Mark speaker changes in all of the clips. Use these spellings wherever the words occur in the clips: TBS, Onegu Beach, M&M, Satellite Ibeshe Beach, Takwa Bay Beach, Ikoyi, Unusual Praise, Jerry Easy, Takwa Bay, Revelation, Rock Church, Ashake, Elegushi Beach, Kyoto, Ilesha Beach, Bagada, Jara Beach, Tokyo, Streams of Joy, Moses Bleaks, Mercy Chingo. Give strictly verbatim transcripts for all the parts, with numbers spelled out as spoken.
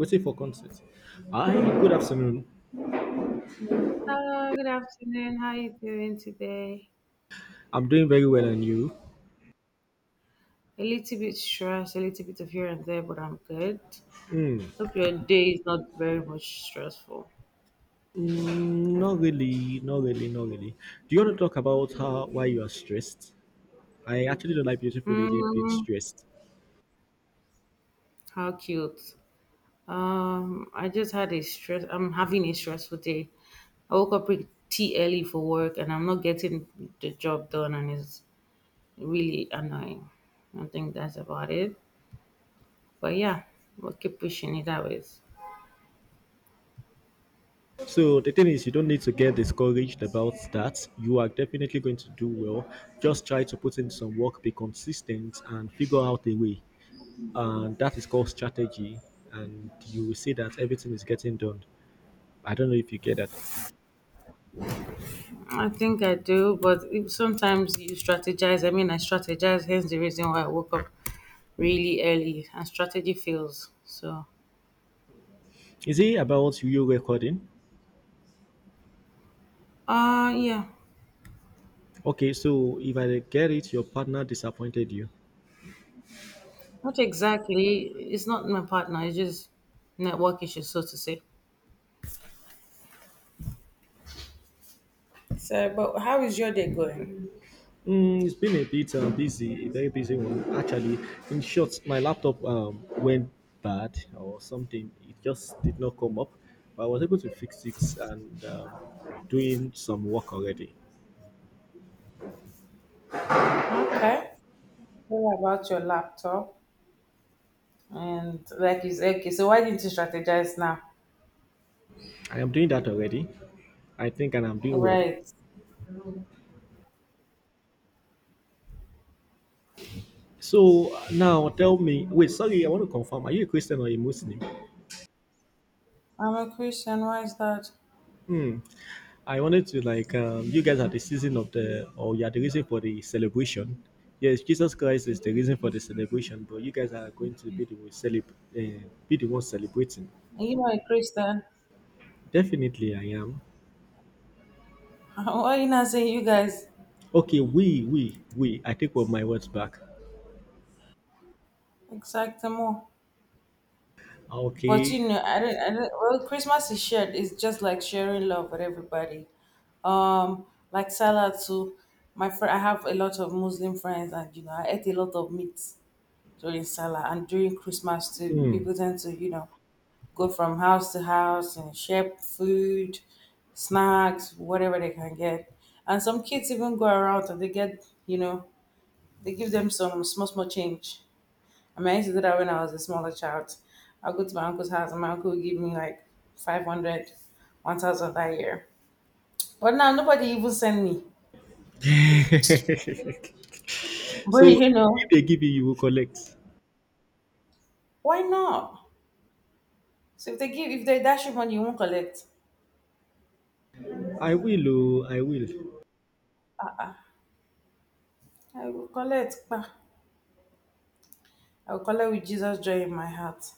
Speaker 1: Waiting for concert. Hi, good afternoon.
Speaker 2: Hello, good afternoon. How are you doing today?
Speaker 1: I'm doing very well, and you?
Speaker 2: A little bit stressed, a little bit of here and there, but I'm good.
Speaker 1: Hmm.
Speaker 2: Hope your day is not very much stressful.
Speaker 1: Mm, not really, not really, not really. Do you want to talk about how why you are stressed? I actually don't like beautiful lady being
Speaker 2: Mm,
Speaker 1: stressed.
Speaker 2: how cute. Um, I just had a stress. I'm having a stressful day. I woke up pretty early for work, and I'm not getting the job done, and it's really annoying. I think that's about it. But yeah, we'll keep pushing it always.
Speaker 1: So the thing is, you don't need to get discouraged about that. You are definitely going to do well. Just try to put in some work, be consistent, and figure out a way. And that is called strategy. And you will see that everything is getting done. I don't know if you get that.
Speaker 2: I think I do, but if- sometimes you strategize. I mean, I strategize, hence the reason why I woke up really early and strategy fails. So,
Speaker 1: Is it about you recording?
Speaker 2: uh, yeah,
Speaker 1: Okay, so if I get it, your partner disappointed you.
Speaker 2: not exactly. It's not my partner, it's just network issues, so to say. So, but how is your day going?
Speaker 1: Mm, it's been a bit uh, busy, a very busy one. Actually, in short, my laptop um, went bad or something. It just did not come up, but I was able to fix it and um, doing some work already.
Speaker 2: Okay. What about your laptop? And like is okay, so why didn't you strategize now?
Speaker 1: I am doing that already, I think, and I'm doing well.
Speaker 2: Right.
Speaker 1: So uh, now tell me, wait, sorry, I want to confirm. Are you a Christian or a Muslim?
Speaker 2: I'm a Christian, why is that?
Speaker 1: Hmm. I wanted to like um, you guys are the season of the or you are the reason for the celebration. Yes, Jesus Christ is the reason for the celebration, but you guys are going to be the one celeb- uh, be the one celebrating.
Speaker 2: Are you not a Christian?
Speaker 1: Definitely, I am.
Speaker 2: Why are you not saying you guys?
Speaker 1: Okay, we we we. I take all my words back.
Speaker 2: Exactamo. But
Speaker 1: Okay.
Speaker 2: you know, I don't, I don't, well, Christmas is shared. It's just like sharing love with everybody. Um, like Salah too. My friend, I have a lot of Muslim friends, and you know, I ate a lot of meat during Salah and during Christmas too.
Speaker 1: Hmm.
Speaker 2: People tend to you know, go from house to house and share food, snacks, whatever they can get. And some kids even go around and they get, you know, they give them some small, small change. I mean, I used to do that when I was a smaller child. I'll go to my uncle's house and my uncle would give me like five hundred, one thousand that year. But now nobody even send me.
Speaker 1: So
Speaker 2: But you
Speaker 1: if
Speaker 2: know,
Speaker 1: they give you, you will collect.
Speaker 2: why not? So if they give, if they dash you money, you won't collect.
Speaker 1: I will. Oh, I will.
Speaker 2: I will collect. Bah. I will collect with Jesus' joy in my heart.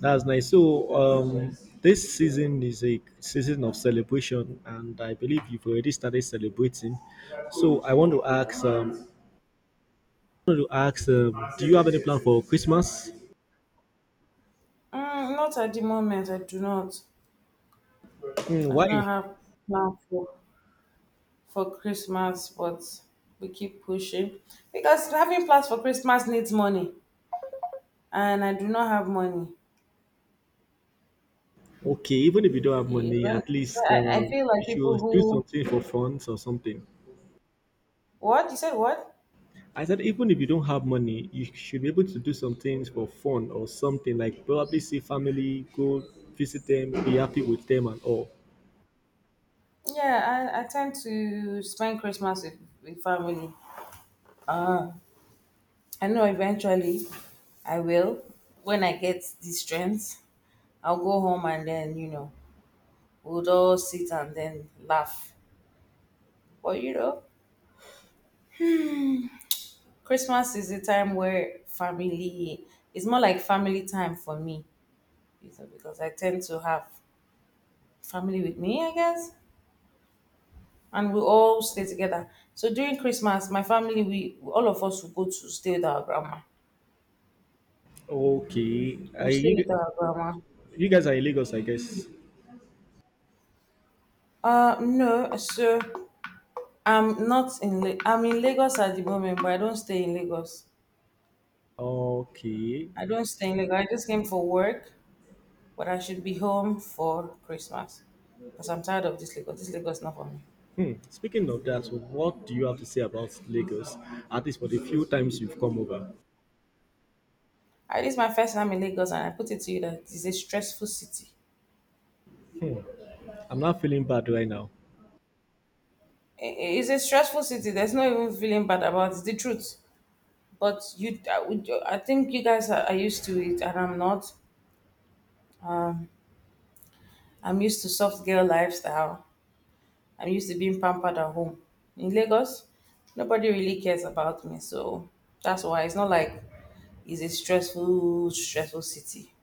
Speaker 1: That's nice. So, um, this season is a season of celebration, and I believe you've already started celebrating. So, I want to ask, um, I want to ask, um, do you have any plan for Christmas?
Speaker 2: Mm, not at the moment. I do not.
Speaker 1: Hmm,
Speaker 2: I do
Speaker 1: why?
Speaker 2: not have plan for for Christmas, but we keep pushing because having plans for Christmas needs money, and I do not have money.
Speaker 1: Okay, even if you don't have
Speaker 2: Is
Speaker 1: money,
Speaker 2: when,
Speaker 1: at
Speaker 2: so
Speaker 1: least
Speaker 2: I,
Speaker 1: uh,
Speaker 2: I feel
Speaker 1: you
Speaker 2: like people
Speaker 1: should do
Speaker 2: who,
Speaker 1: something for fun or something.
Speaker 2: what you said what,
Speaker 1: I said, even if you don't have money, you should be able to do some things for fun or something like probably see family, go visit them, be happy with them, and all.
Speaker 2: yeah, I, I tend to spend Christmas with, with family. I know eventually I will when I get the strength. I'll go home, and then you know we'll all sit and then laugh. But you know Christmas is a time where family, it's more like family time for me, you know, because I tend to have family with me, I guess, and we all stay together. So during Christmas, my family, we all of us will go to stay with our grandma.
Speaker 1: Okay,
Speaker 2: We'll stay
Speaker 1: I
Speaker 2: with our grandma.
Speaker 1: You guys are in Lagos, I guess.
Speaker 2: Uh, no, so I'm not in. La- I'm in Lagos at the moment, but I don't stay in Lagos.
Speaker 1: Okay.
Speaker 2: I don't stay in Lagos. I just came for work, but I should be home for Christmas because I'm tired of this Lagos. This Lagos is not for me.
Speaker 1: Hmm. Speaking of that, so what do you have to say about Lagos? At least for the few times you've come over.
Speaker 2: I, this is my first time in Lagos, and I put it to you that it's a stressful city.
Speaker 1: Hmm. I'm not feeling bad right now.
Speaker 2: I- It's a stressful city. There's no even feeling bad about it. It's the truth. But you, I would- I think you guys are, are used to it, and I'm not. I'm used to soft girl lifestyle. I'm used to being pampered at home. In Lagos, nobody really cares about me, so that's why it's not like it's a stressful, stressful city.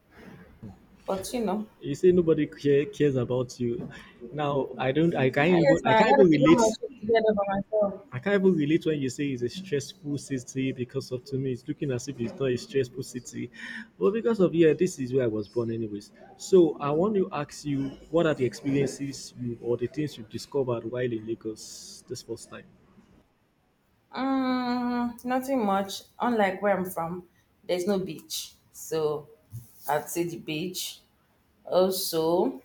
Speaker 2: But you know,
Speaker 1: You say nobody care, cares about you. Now I don't. I can't
Speaker 2: I
Speaker 1: even.
Speaker 2: guess
Speaker 1: I
Speaker 2: now I
Speaker 1: can't
Speaker 2: gotta
Speaker 1: even
Speaker 2: figure
Speaker 1: relate.
Speaker 2: my shit together by myself.
Speaker 1: I can't even relate when you say it's a stressful city because of to me, it's looking as if it's not a stressful city. But because of yeah, this is where I was born, anyways. So I want to ask you, what are the experiences you or the things you've discovered while in Lagos this first time?
Speaker 2: Mm, nothing much. Unlike where I'm from, there's no beach, so I'd say the beach. Also,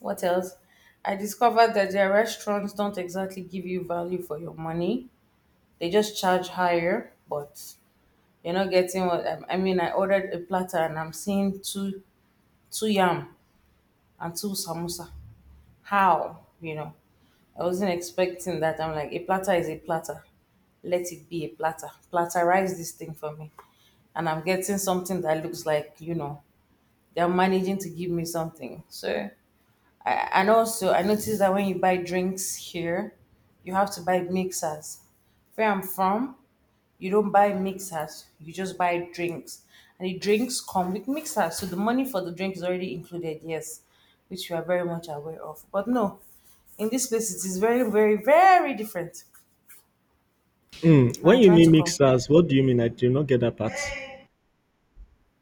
Speaker 2: what else? I discovered that their restaurants don't exactly give you value for your money. They just charge higher, but you're not getting what I I mean. I ordered a platter and I'm seeing two two yam and two samosa. How? You know, I wasn't expecting that. I'm like, a platter is a platter. Let it be a platter. Platterize this thing for me. And I'm getting something that looks like, you know, they're managing to give me something. So I, and also, I noticed that when you buy drinks here, you have to buy mixers. Where I'm from, you don't buy mixers, you just buy drinks. And the drinks come with mixers. So the money for the drink is already included, yes, which you are very much aware of. But no, in this place, it is very, very, very different.
Speaker 1: Hmm,
Speaker 2: And
Speaker 1: when
Speaker 2: I
Speaker 1: you
Speaker 2: try
Speaker 1: mean
Speaker 2: to compare.
Speaker 1: mixers, what do you mean? I do not get that part.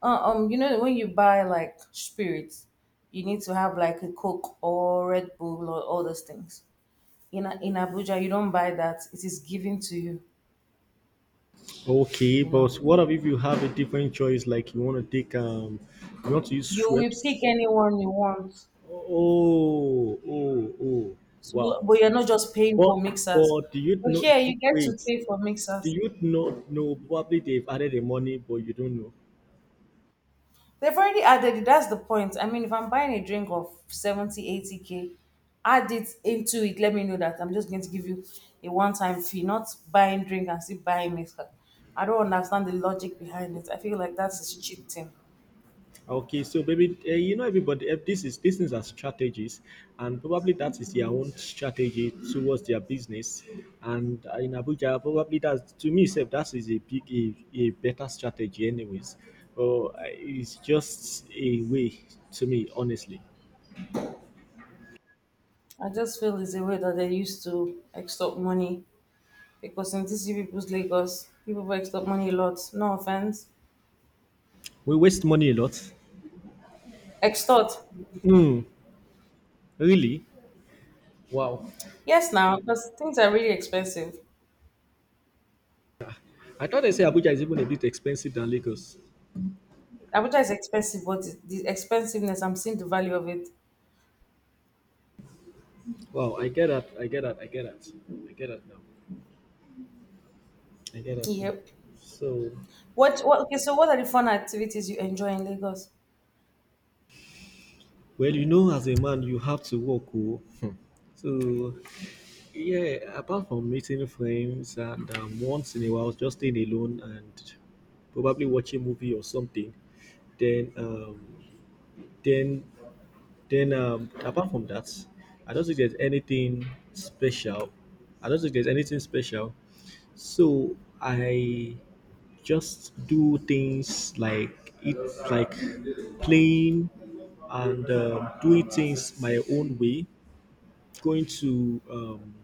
Speaker 2: Uh, um, you know, when you buy like spirits, you need to have like a Coke or Red Bull or all those things. In in Abuja, you don't buy that. It is given to you.
Speaker 1: Okay,
Speaker 2: You
Speaker 1: but
Speaker 2: know,
Speaker 1: what if you have a different choice? Like you want to take um, you want to use
Speaker 2: you will pick
Speaker 1: Schweppes?
Speaker 2: anyone you want.
Speaker 1: Oh, oh, oh!
Speaker 2: So,
Speaker 1: Wow.
Speaker 2: but you're not just paying
Speaker 1: But
Speaker 2: for mixers.
Speaker 1: but do you
Speaker 2: But
Speaker 1: know?
Speaker 2: here,
Speaker 1: Do-
Speaker 2: you get to
Speaker 1: Wait,
Speaker 2: pay for
Speaker 1: do
Speaker 2: mixers.
Speaker 1: you know? No, probably they've added the money, but you don't know.
Speaker 2: They've already added it. That's the point. I mean, if I'm buying a drink of seventy eighty k, add it into it. Let me know that I'm just going to give you a one-time fee, not buying drink and still buying mixer. I don't understand the logic behind it. I feel like that's a cheap thing.
Speaker 1: Okay, so maybe uh, you know everybody. eh, This is these things are strategies, and probably that is their own strategy towards their business. And uh, in Abuja, probably that's to me, self, that is a big a, a better strategy, anyways. But uh, it's just a way to me, honestly.
Speaker 2: I just feel it's a way that they used to extort money. Because in this you people's Lagos, people will extort money a lot. No offense.
Speaker 1: We waste money a lot.
Speaker 2: Extort.
Speaker 1: Mm, really? Wow.
Speaker 2: Yes, now, because things are really expensive.
Speaker 1: I thought they say Abuja is even a bit expensive than Lagos.
Speaker 2: Abuja is expensive, but the the expensiveness, I'm seeing the value of it.
Speaker 1: Wow, I get that. I get that. I get that. I get that now. I get that now.
Speaker 2: Yep.
Speaker 1: So,
Speaker 2: What, what, okay, so what are the fun activities you enjoy in Lagos?
Speaker 1: well, you know, as a man, you have to work. Oh. So, yeah, apart from meeting friends and um, once in a while just staying alone and probably watching a movie or something, then, um, then, then, um, apart from that, I don't think there's anything special. I don't think there's anything special. So, I just do things like it like playing and um, doing things my own way, going to um,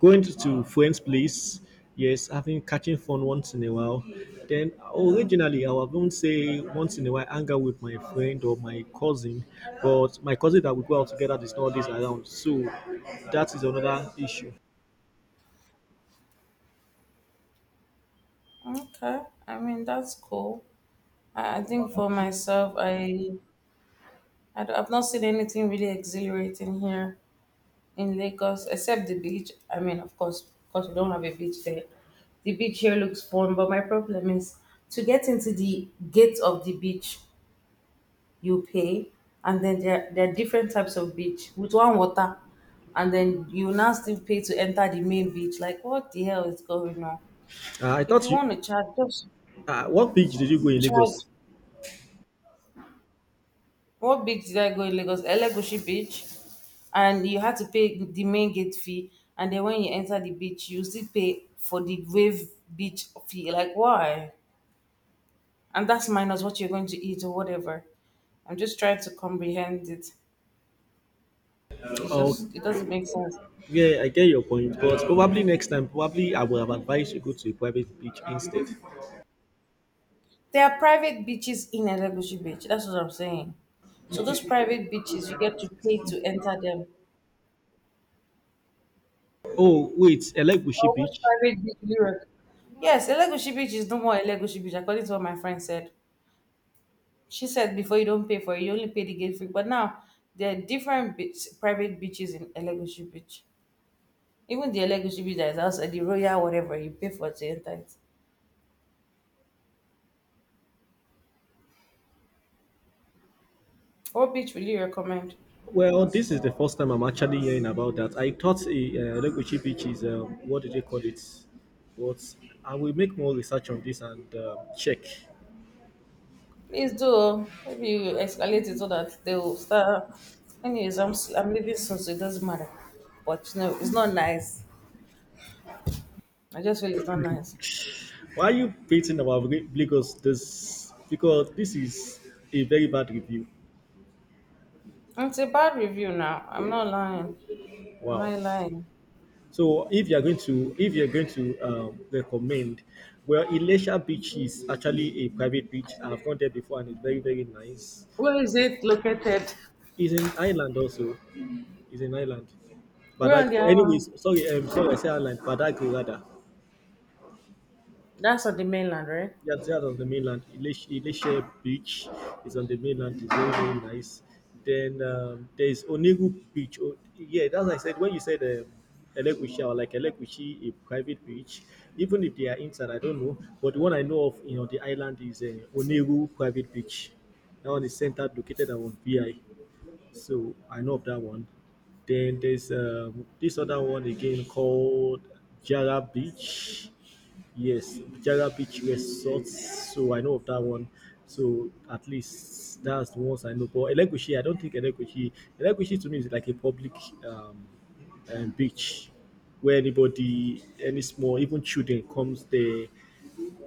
Speaker 1: going to, to friends place, yes, having, catching fun once in a while. Then originally I would even say once in a while hang out with my friend or my cousin, but my cousin that we go out together is not this around, so that is another issue.
Speaker 2: Okay, I mean, that's cool. I, I think for myself, I, I, I've not seen anything really exhilarating here, in Lagos, except the beach. I mean, of course, because we don't have a beach there. The beach here looks fun, but my problem is to get into the gate of the beach, you pay, and then there, there are different types of beach with one water, and then you now still pay to enter the main beach. Like, what the hell is going on?
Speaker 1: Uh, I
Speaker 2: If
Speaker 1: thought
Speaker 2: you
Speaker 1: you
Speaker 2: want to charge, just
Speaker 1: uh, What beach did you go in Lagos?
Speaker 2: charge. What beach did I go in Lagos? Elegushi Beach. And you had to pay the main gate fee. And then when you enter the beach, you still pay for the wave beach fee. Like, why? And that's minus what you're going to eat or whatever. I'm just trying to comprehend it. It's just, it doesn't make sense.
Speaker 1: Yeah, I get your point, but probably next time, probably I would have advised you go to a private beach instead.
Speaker 2: There are private beaches in Elegushi Beach. That's what I'm saying. So those private beaches, you get to pay to enter them.
Speaker 1: Oh, wait, Elegushi
Speaker 2: Or which
Speaker 1: Beach.
Speaker 2: private beach do you recommend? Yes, Elegushi Beach is no more Elegushi Beach, according to what my friend said. She said before you don't pay for it, you only pay the gate fee. But now there are different beach, private beaches in Elegushi Beach. Even the Elegushi Beach that is outside the Royal, whatever, you pay for to enter it. What beach will you recommend?
Speaker 1: Well, this is the first time I'm actually hearing about that. I thought uh, Elegushi Beach is uh, what do they call it? But I will make more research on this and uh, check.
Speaker 2: Please do. Oh. Maybe you escalate it so that they will start. Anyways, I'm, s- I'm leaving soon, so it doesn't matter. But no, it's not nice. I just feel it's not nice.
Speaker 1: Why are you beating about Lagos? This Because this is a very bad review.
Speaker 2: It's a bad review now. I'm not lying. Am
Speaker 1: Wow.
Speaker 2: I lying?
Speaker 1: So if you're going to if you're going to um, recommend, well, Elisha Beach is actually a private beach. I've gone there before and it's very very nice.
Speaker 2: Where is it located?
Speaker 1: It's in Ireland also. It's in Ireland. But
Speaker 2: We're on the island.
Speaker 1: anyways, sorry, um, sorry, I said Ireland. Badagry rather.
Speaker 2: That's on the mainland, right?
Speaker 1: Yes, that's on the mainland. Ilish, Ilishe Beach is on the mainland. It's very, very nice. Then um, there is Onegu Beach. Oh, yeah, that's what I said. When you said um, Elekushi or like Elekushi, a private beach, even if they are inside, I don't know. But the one I know of, you know, the island is uh, Onegu Private Beach. That one is centered, located on V I. So I know of that one. Then there's um, this other one again called Jara Beach. Yes, Jara Beach Resort. So I know of that one. So at least that's the ones I know. But Elegushi, I don't think Elegushi. Elegushi to me is like a public um, um, beach where anybody, any small, even children comes there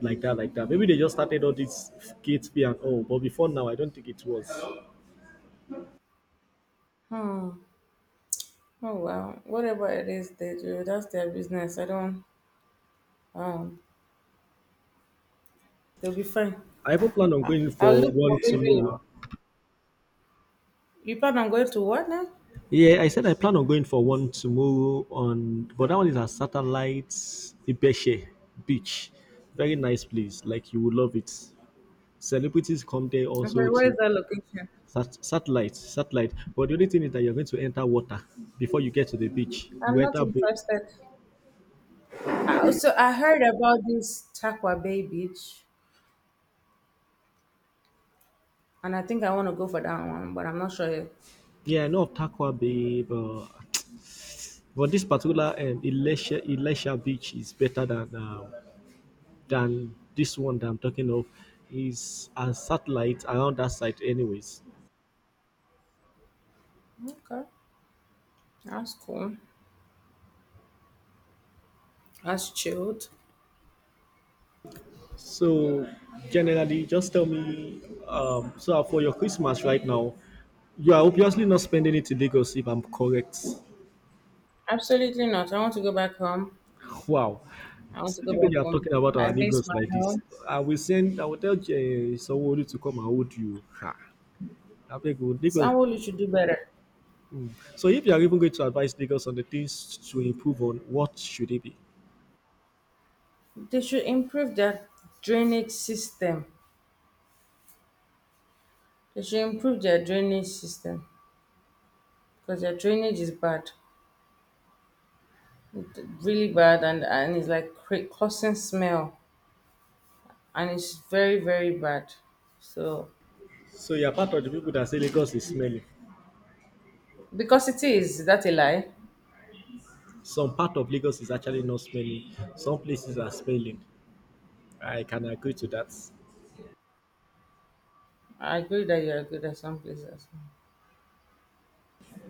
Speaker 1: like that, like that. Maybe they just started all this gate fee and all. But before now, I don't think it was.
Speaker 2: Hmm. Oh well. Whatever it is they do, that's their business. I don't. Um. They'll be fine.
Speaker 1: I even plan on going
Speaker 2: I'll
Speaker 1: for
Speaker 2: look
Speaker 1: one
Speaker 2: for baby.
Speaker 1: tomorrow.
Speaker 2: You plan on going to what now?
Speaker 1: Yeah, I said I plan on going for one tomorrow on, but that one is at Satellite Ibeshe Beach. Very nice place. Like you will love it. Celebrities come there
Speaker 2: I'm
Speaker 1: also
Speaker 2: sorry. Where is
Speaker 1: to
Speaker 2: that location?
Speaker 1: sat- satellite, satellite. But the only thing is that you're going to enter water before you get to the beach.
Speaker 2: I'm
Speaker 1: You
Speaker 2: not
Speaker 1: enter boat.
Speaker 2: interested. I also I heard about this Takwa Bay Beach, and I think I want to go for that one, but I'm not sure yet.
Speaker 1: Yeah, I know of Takwa Bay, but but this particular um, Ilesha Ilesha Beach is better than um, than this one that I'm talking of, is a satellite around that site anyways.
Speaker 2: Okay. That's cool. That's chilled.
Speaker 1: So generally just tell me, um so for your Christmas right now, you are obviously not spending it in Lagos if I'm correct.
Speaker 2: Absolutely not. I want to go back home.
Speaker 1: Wow.
Speaker 2: I want to go
Speaker 1: Sitting when you
Speaker 2: back
Speaker 1: are
Speaker 2: home.
Speaker 1: talking about our
Speaker 2: I miss
Speaker 1: Lagos
Speaker 2: my
Speaker 1: like this,
Speaker 2: home.
Speaker 1: I will send I will tell uh, somebody to come and hold you. Ha. I beg you, Lagos.
Speaker 2: Sanwolu should do better.
Speaker 1: So if you are even going to advise Lagos on the things to improve on, what should it be?
Speaker 2: They should improve their drainage system. They should improve their drainage system because their drainage is bad, It- really bad, and and it's like cra- causing smell, and it's very very bad. So
Speaker 1: So you are part of the people that say
Speaker 2: this-
Speaker 1: Lagos is smelly.
Speaker 2: because it is, is that a lie?
Speaker 1: Some part of Lagos is actually not smelly. Some places are smelly. I can agree to that.
Speaker 2: I agree that you are good at some places.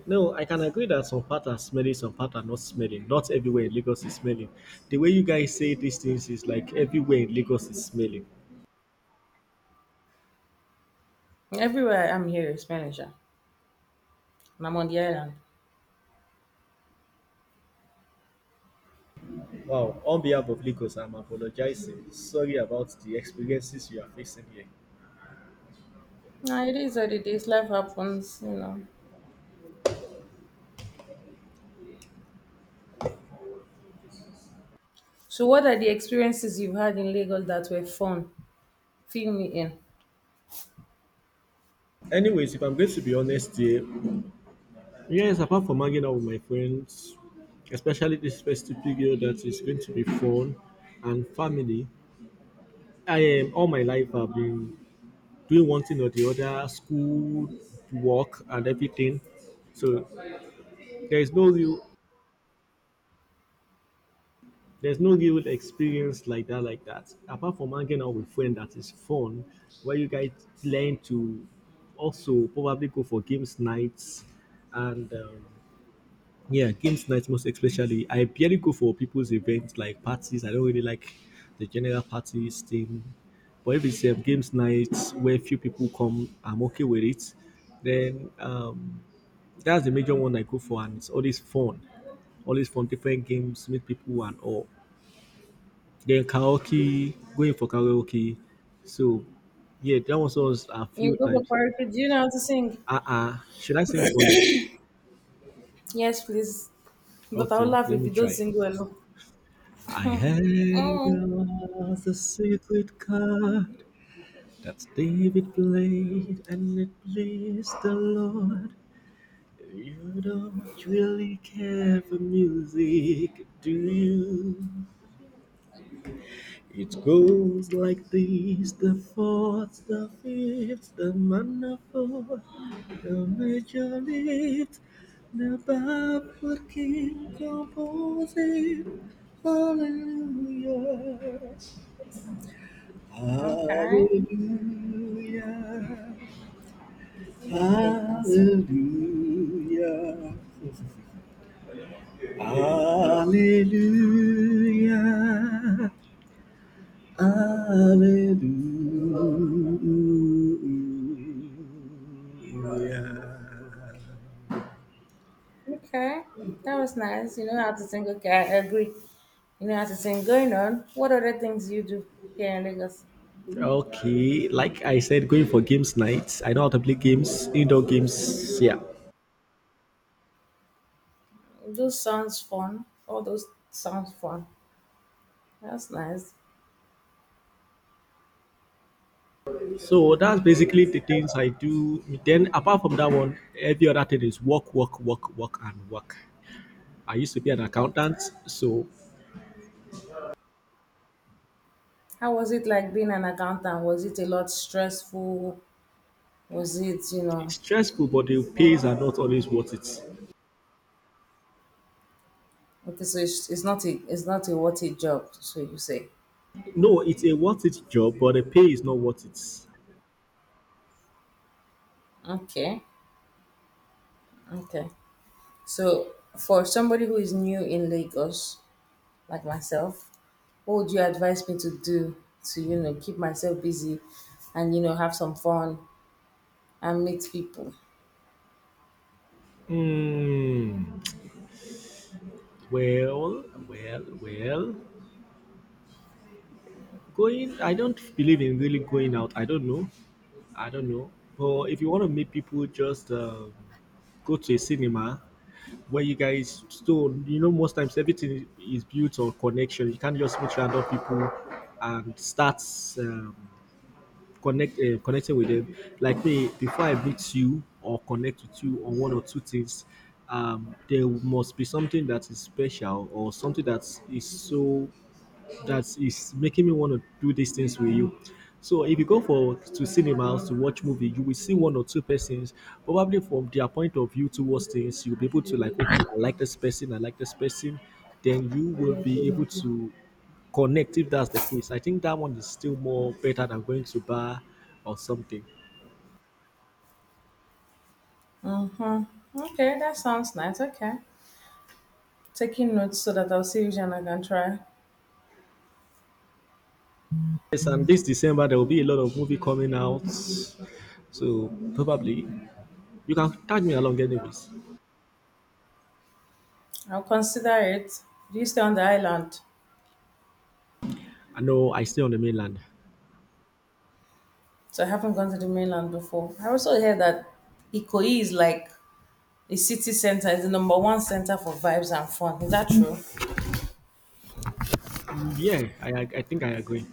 Speaker 1: No, I can agree that some part are smelly, some part are not smelling. Not everywhere in Lagos is smelling. The way you guys say these things is like everywhere in Lagos is smelling.
Speaker 2: Everywhere I'm here is smelling, and I'm on the island.
Speaker 1: Wow, on behalf of Lagos, I'm apologizing. Sorry about the experiences you are facing here.
Speaker 2: Nah, it is what it is. Life happens, you know. So, what are the experiences you've had in Lagos that were fun? Fill me in.
Speaker 1: Anyways, if I'm going to be honest here, yes, apart from hanging out with my friends, especially this festive period that is going to be fun and family, I am all my life I've been doing one thing or the other, school, work, and everything. So there is no real there's no real experience like that like that. Apart from hanging out with friends that is fun, where you guys learn to also probably go for games nights and um, yeah, games night most especially. I barely go for people's events like parties. I don't really like the general parties thing. But if it's um, games nights where few people come, I'm okay with it. Then um, that's the major one I go for, and it's always fun. Always fun, different games, meet people and all. Then karaoke, going for karaoke. So yeah, that was us a few
Speaker 2: You go for
Speaker 1: times.
Speaker 2: choreography. Do you know how to sing?
Speaker 1: Uh uh Should I sing for you?
Speaker 2: Yes, please. But I will
Speaker 1: Okay,
Speaker 2: laugh
Speaker 1: let
Speaker 2: if
Speaker 1: me
Speaker 2: you don't
Speaker 1: try.
Speaker 2: sing well.
Speaker 1: I had
Speaker 2: Oh,
Speaker 1: lost a secret card that David played, and it pleased the Lord. You don't really care for music, do you? It goes like this, the fourth, the fifth, the minor fourth, the major lift, the backward king composing. Hallelujah.
Speaker 2: okay.
Speaker 1: Hallelujah.
Speaker 2: Okay, you can sing.
Speaker 1: Hallelujah. Hallelujah. Hallelujah.
Speaker 2: Okay. That was nice. You know how to sing. Okay, I agree. You know how to sing. Going on, what other things do you do here in Lagos?
Speaker 1: Okay, like I said, going for games nights. I know how to play games, indoor games. Yeah.
Speaker 2: Those sounds fun. All those sounds fun. That's nice.
Speaker 1: So that's basically the things I do. Then apart from that one, every other thing is work, work, work, work, and work. I used to be an
Speaker 2: Uh,
Speaker 1: accountant, so
Speaker 2: How was it like being an accountant? Was it a lot stressful? Was it, you
Speaker 1: it's
Speaker 2: know,
Speaker 1: stressful, but the pays are not always worth it.
Speaker 2: okay, so it's, it's not a, it's not a what a job, so you say.
Speaker 1: No, it's a worth it job, but the pay is not worth it.
Speaker 2: Okay, okay. So, for somebody who is new in Lagos, like myself, what would you advise me to do to, you know, keep myself busy and, you know, have some fun and meet people?
Speaker 1: Hmm. Well, well, well. Going, I don't believe in really going out. I don't know. I don't know. But if you want to meet people, just um, go to a cinema where you guys. Still, you know, most times everything is built on connection. You can't just meet random people and start um, connect uh, connection with them. Like me, before I meet you or connect with you on one or two things, um, there must be something that is special or something that is so that is making me want to do these things with you. So if you go for to cinemas to watch movie, you will see one or two persons probably from their point of view towards things. You'll be able to like, okay, I like this person, I like this person. Then you will be able to connect if that's the case. I think that one is still more better than going to bar or something.
Speaker 2: Mm-hmm. Okay, that sounds nice. Okay. Taking notes so that I'll see which one I can try.
Speaker 1: Yes, and this December there will be a lot of movie coming out. So probably you can tag me along anyways.
Speaker 2: I'll consider it. Do you stay on the island?
Speaker 1: I know I stay on the mainland.
Speaker 2: So I haven't gone to the mainland before. I also heard that Ikoyi is like a city center, is the number one center for vibes and fun. Is that true?
Speaker 1: Mm, Yeah, I I I think I agree.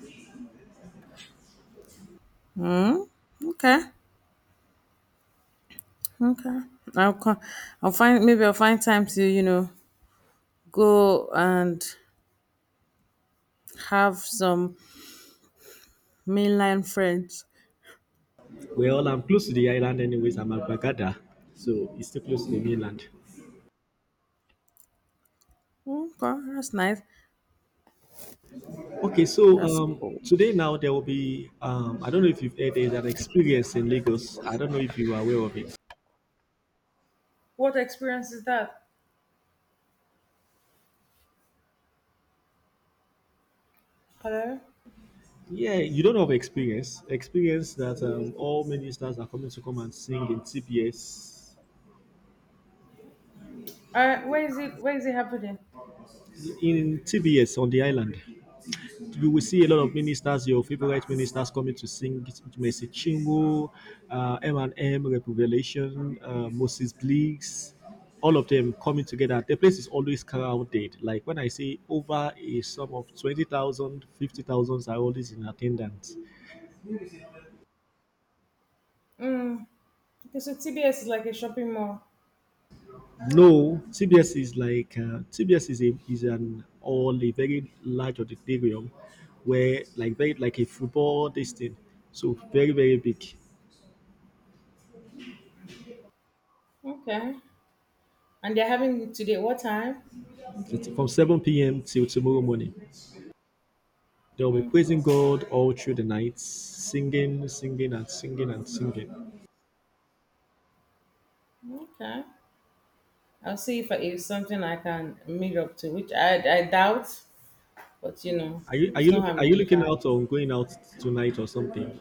Speaker 2: Mm, okay, okay. I'll co- I'll find maybe I'll find time to you know go and have some mainline friends.
Speaker 1: Well, I'm close to the island anyways. I'm at Bagada, so it's still close to the mainland.
Speaker 2: Okay, that's nice.
Speaker 1: Okay, so
Speaker 2: That's
Speaker 1: um,
Speaker 2: cool.
Speaker 1: today now there will be um, I don't know if you've heard there's an experience in Lagos. I don't know if you are aware of it.
Speaker 2: What experience is that? Hello.
Speaker 1: Yeah, you don't have experience. Experience that um, all ministers are coming to come and sing in T B S.
Speaker 2: Uh, where is it? Where is it happening?
Speaker 1: In T B S on the island, you will see a lot of ministers, your favorite ministers, coming to sing. Mercy Chingo, uh, M and M, Revelation, uh, Moses Bleaks, all of them coming together. The place is always crowded. Like when I say over a sum of twenty thousand, are always in attendance.
Speaker 2: Mm. Okay, so T B S is like a shopping mall.
Speaker 1: No, T B S is like uh, T B S is a is an all a very large auditorium where like very like a football this thing. So very very big.
Speaker 2: Okay. And they're having it today. What time?
Speaker 1: It's from seven p m till tomorrow morning. They'll be
Speaker 2: Mm,
Speaker 1: praising God all through the night, singing, singing and singing and singing.
Speaker 2: okay. I'll see if it's something I can meet up to, which I I doubt. But you know,
Speaker 1: Are you are
Speaker 2: it's
Speaker 1: you
Speaker 2: no
Speaker 1: look, are
Speaker 2: harm
Speaker 1: you
Speaker 2: in
Speaker 1: looking
Speaker 2: trying.
Speaker 1: out on going out tonight or something?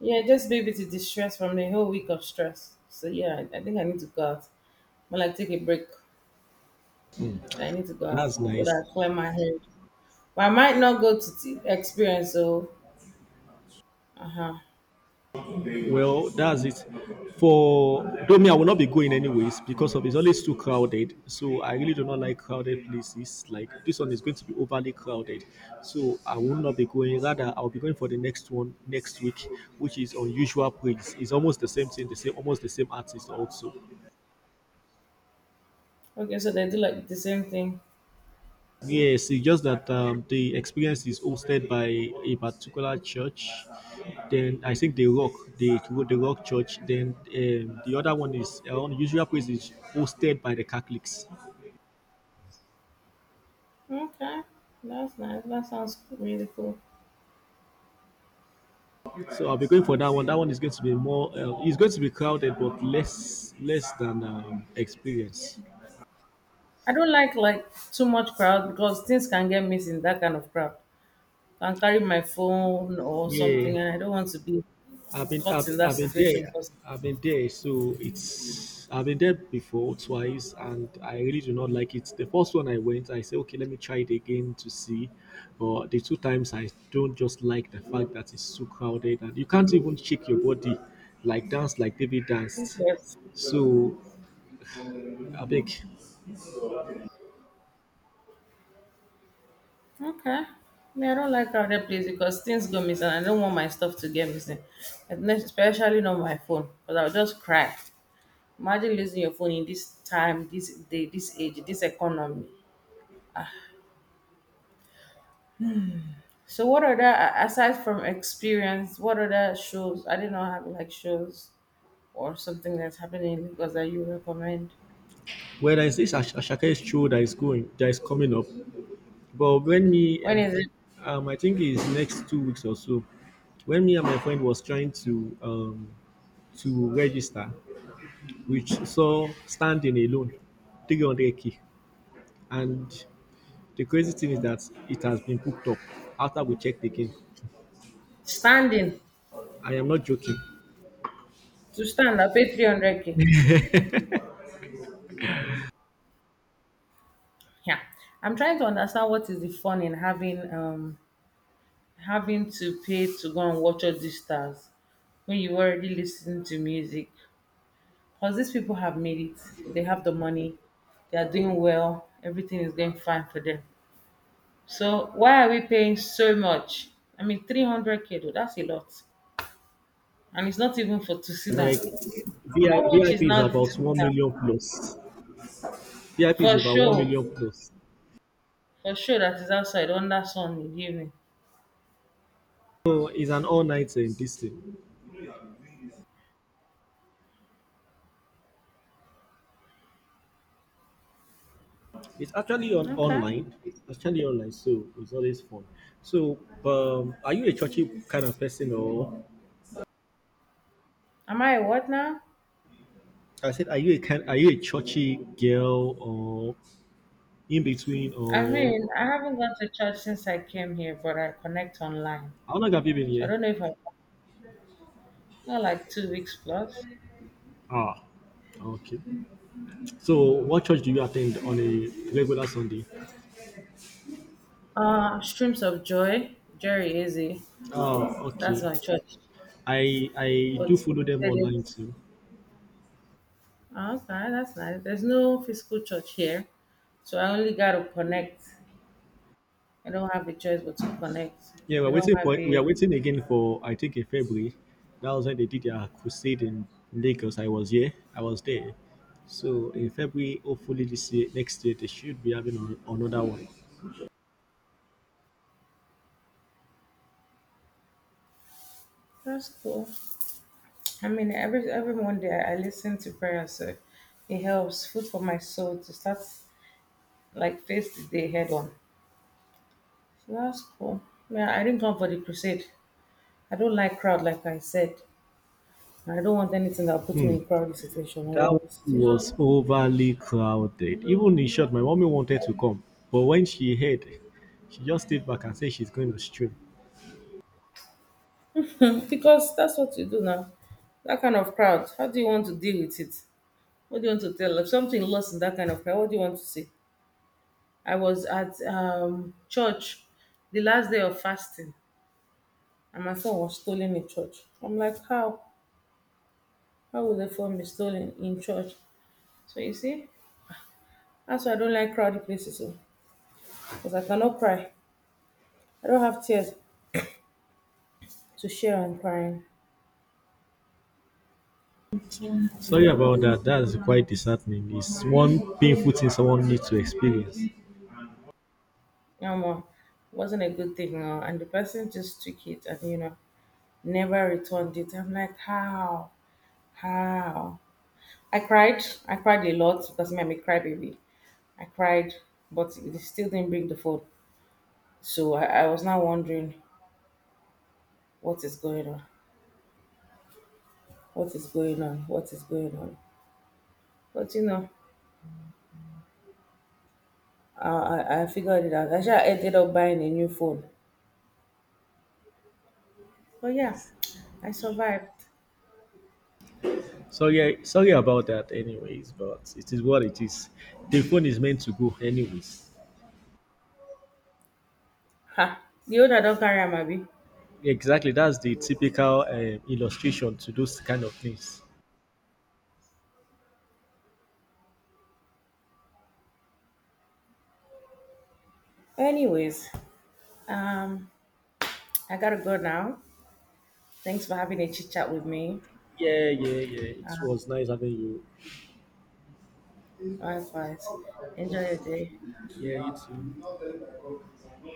Speaker 2: Yeah, just be able to distress from the whole week of stress. So yeah, I I think I need to go out. More like take a break. So I need to go out
Speaker 1: That's
Speaker 2: so
Speaker 1: nice.
Speaker 2: that I clear my head. But I might not go to t- experience. So uh huh.
Speaker 1: Well, that's it. For though me, I will not be going anyways because of it's always too crowded. So I really do not like crowded places. Like this one is going to be overly crowded. So I will not be going. Rather, I'll be going for the next one next week, which is unusual praise. It's almost the same thing, the same almost the same artist also.
Speaker 2: Okay, so they do like the same thing.
Speaker 1: Yes, it's just that um, the experience is hosted by a particular church. Then I think the Rock, the the Rock Church. Then um, the other one is uh, Unusual Praise is hosted by the Catholics.
Speaker 2: Okay, that's nice. That sounds really cool.
Speaker 1: So I'll be going for that one. That one is going to be more. Uh, it's going to be crowded, but less less than um, experience.
Speaker 2: I don't like like too much crowd because things can get missed in that kind of crowd. I can carry my phone or
Speaker 1: Yeah.
Speaker 2: something, and I don't want to be
Speaker 1: I've been, I've,
Speaker 2: caught in that
Speaker 1: I've been
Speaker 2: situation
Speaker 1: there.
Speaker 2: because
Speaker 1: I've been there, so it's I've been there before twice, and I really do not like it. The first one I went, I said, okay, let me try it again to see. But the two times I don't just like the fact that it's too crowded, and you can't even shake your body, like dance like David danced.
Speaker 2: yes.
Speaker 1: So I beg,
Speaker 2: Okay. Me, I don't like crowded place because things go missing. I don't want my stuff to get missing, and especially not my phone, because I'll just cry. Imagine losing your phone in this time, this day, this age, this economy. So, what other a- aside from experience, what other shows? I did not have like shows or something that's happening in Lagos that you recommend.
Speaker 1: where there is this Ash- Ashake show that is going, that is coming up. But when me
Speaker 2: When
Speaker 1: and
Speaker 2: is it
Speaker 1: um, I think it's next two weeks or so when me and my friend was trying to um, to register, which saw standing alone three hundred k. And the crazy thing is that it has been booked up after we checked again.
Speaker 2: standing?
Speaker 1: I am not joking.
Speaker 2: To stand, I pay three hundred k. Yeah, I'm trying to understand what is the fun in having um having to pay to go and watch all these stars when you already listen to music. Because these people have made it, they have the money, they are doing well, everything is going fine for them. So why are we paying so much? I mean, three hundred k though, that's a lot. And it's not even for to sit down.
Speaker 1: Like
Speaker 2: How
Speaker 1: V I-
Speaker 2: much is
Speaker 1: V I P is
Speaker 2: now the to
Speaker 1: about
Speaker 2: sit
Speaker 1: one
Speaker 2: down?
Speaker 1: million plus. V I P is
Speaker 2: For
Speaker 1: about one
Speaker 2: sure,
Speaker 1: million plus.
Speaker 2: for sure that is outside under sun in the evening.
Speaker 1: So it's an all nighter in this thing. It's actually on
Speaker 2: Okay.
Speaker 1: online. It's actually online, so it's always fun. So, um, are you a churchy kind of person, or?
Speaker 2: Am I a what now?
Speaker 1: I said, are you a kind, are you a churchy girl, or in between,
Speaker 2: I
Speaker 1: or
Speaker 2: mean, I haven't gone to church since I came here, but I connect online.
Speaker 1: how long have you been
Speaker 2: So I
Speaker 1: here?
Speaker 2: don't know if I, I like two weeks plus.
Speaker 1: Ah, okay. So, what church do you attend on a regular Sunday?
Speaker 2: Uh, Streams of Joy, Jerry Easy.
Speaker 1: Ah, okay.
Speaker 2: That's my church.
Speaker 1: I I do
Speaker 2: But
Speaker 1: follow them online too.
Speaker 2: oh, okay, that's nice. There's no physical church here, so I only got to connect. I don't have a choice but to connect.
Speaker 1: Yeah, we're
Speaker 2: They don't
Speaker 1: waiting
Speaker 2: have
Speaker 1: for we are
Speaker 2: a.
Speaker 1: waiting again for I think in February. That was when they did their crusade in Lagos. I was here. I was there. So in February, hopefully this year, next year they should be having an- another one.
Speaker 2: That's cool. I mean, every every Monday I I listen to prayer, so it helps food for my soul to start like face the day head on. So that's cool. Yeah, I didn't come for the crusade. I don't like crowd, like I said. I don't want anything that puts me
Speaker 1: Hmm.
Speaker 2: in crowded situation
Speaker 1: That
Speaker 2: or
Speaker 1: one
Speaker 2: crowded situation.
Speaker 1: was overly crowded. Even in short, my mommy wanted to come, but when she heard, she just stayed back and said she's going to stream.
Speaker 2: Because that's what you do now. That kind of crowd, how do you want to deal with it? What do you want to tell? If something lost in that kind of crowd, what do you want to say? I was at um, church the last day of fasting and my phone was stolen in church. I'm like, how? How would the phone be stolen in church? So you see, that's why I don't like crowded places because I cannot cry. I don't have tears to share on crying.
Speaker 1: Sorry about that. That's quite disheartening. It's one painful thing someone needs to experience.
Speaker 2: um, wasn't a good thing. Uh, and the person just took it and, you know, never returned it. I'm like, how? How? I cried. I cried a lot because it made me cry, baby. I cried, but it still didn't bring the phone. So I, I was now wondering what is going on, what is going on, what is going on. But you know, I, I I figured it out. Actually, I sure ended up buying a new phone. But yeah, I survived.
Speaker 1: Sorry, sorry about that. Anyways, but it is what it is. The phone is meant to go anyways.
Speaker 2: Ha! The owner don't carry am abi.
Speaker 1: Exactly. That's the typical um, illustration to those kind of things.
Speaker 2: Anyways, um, I gotta go now. Thanks for having a chit chat with me.
Speaker 1: Yeah, yeah, yeah. It was nice having you.
Speaker 2: Likewise. Enjoy your day.
Speaker 1: Yeah, you too.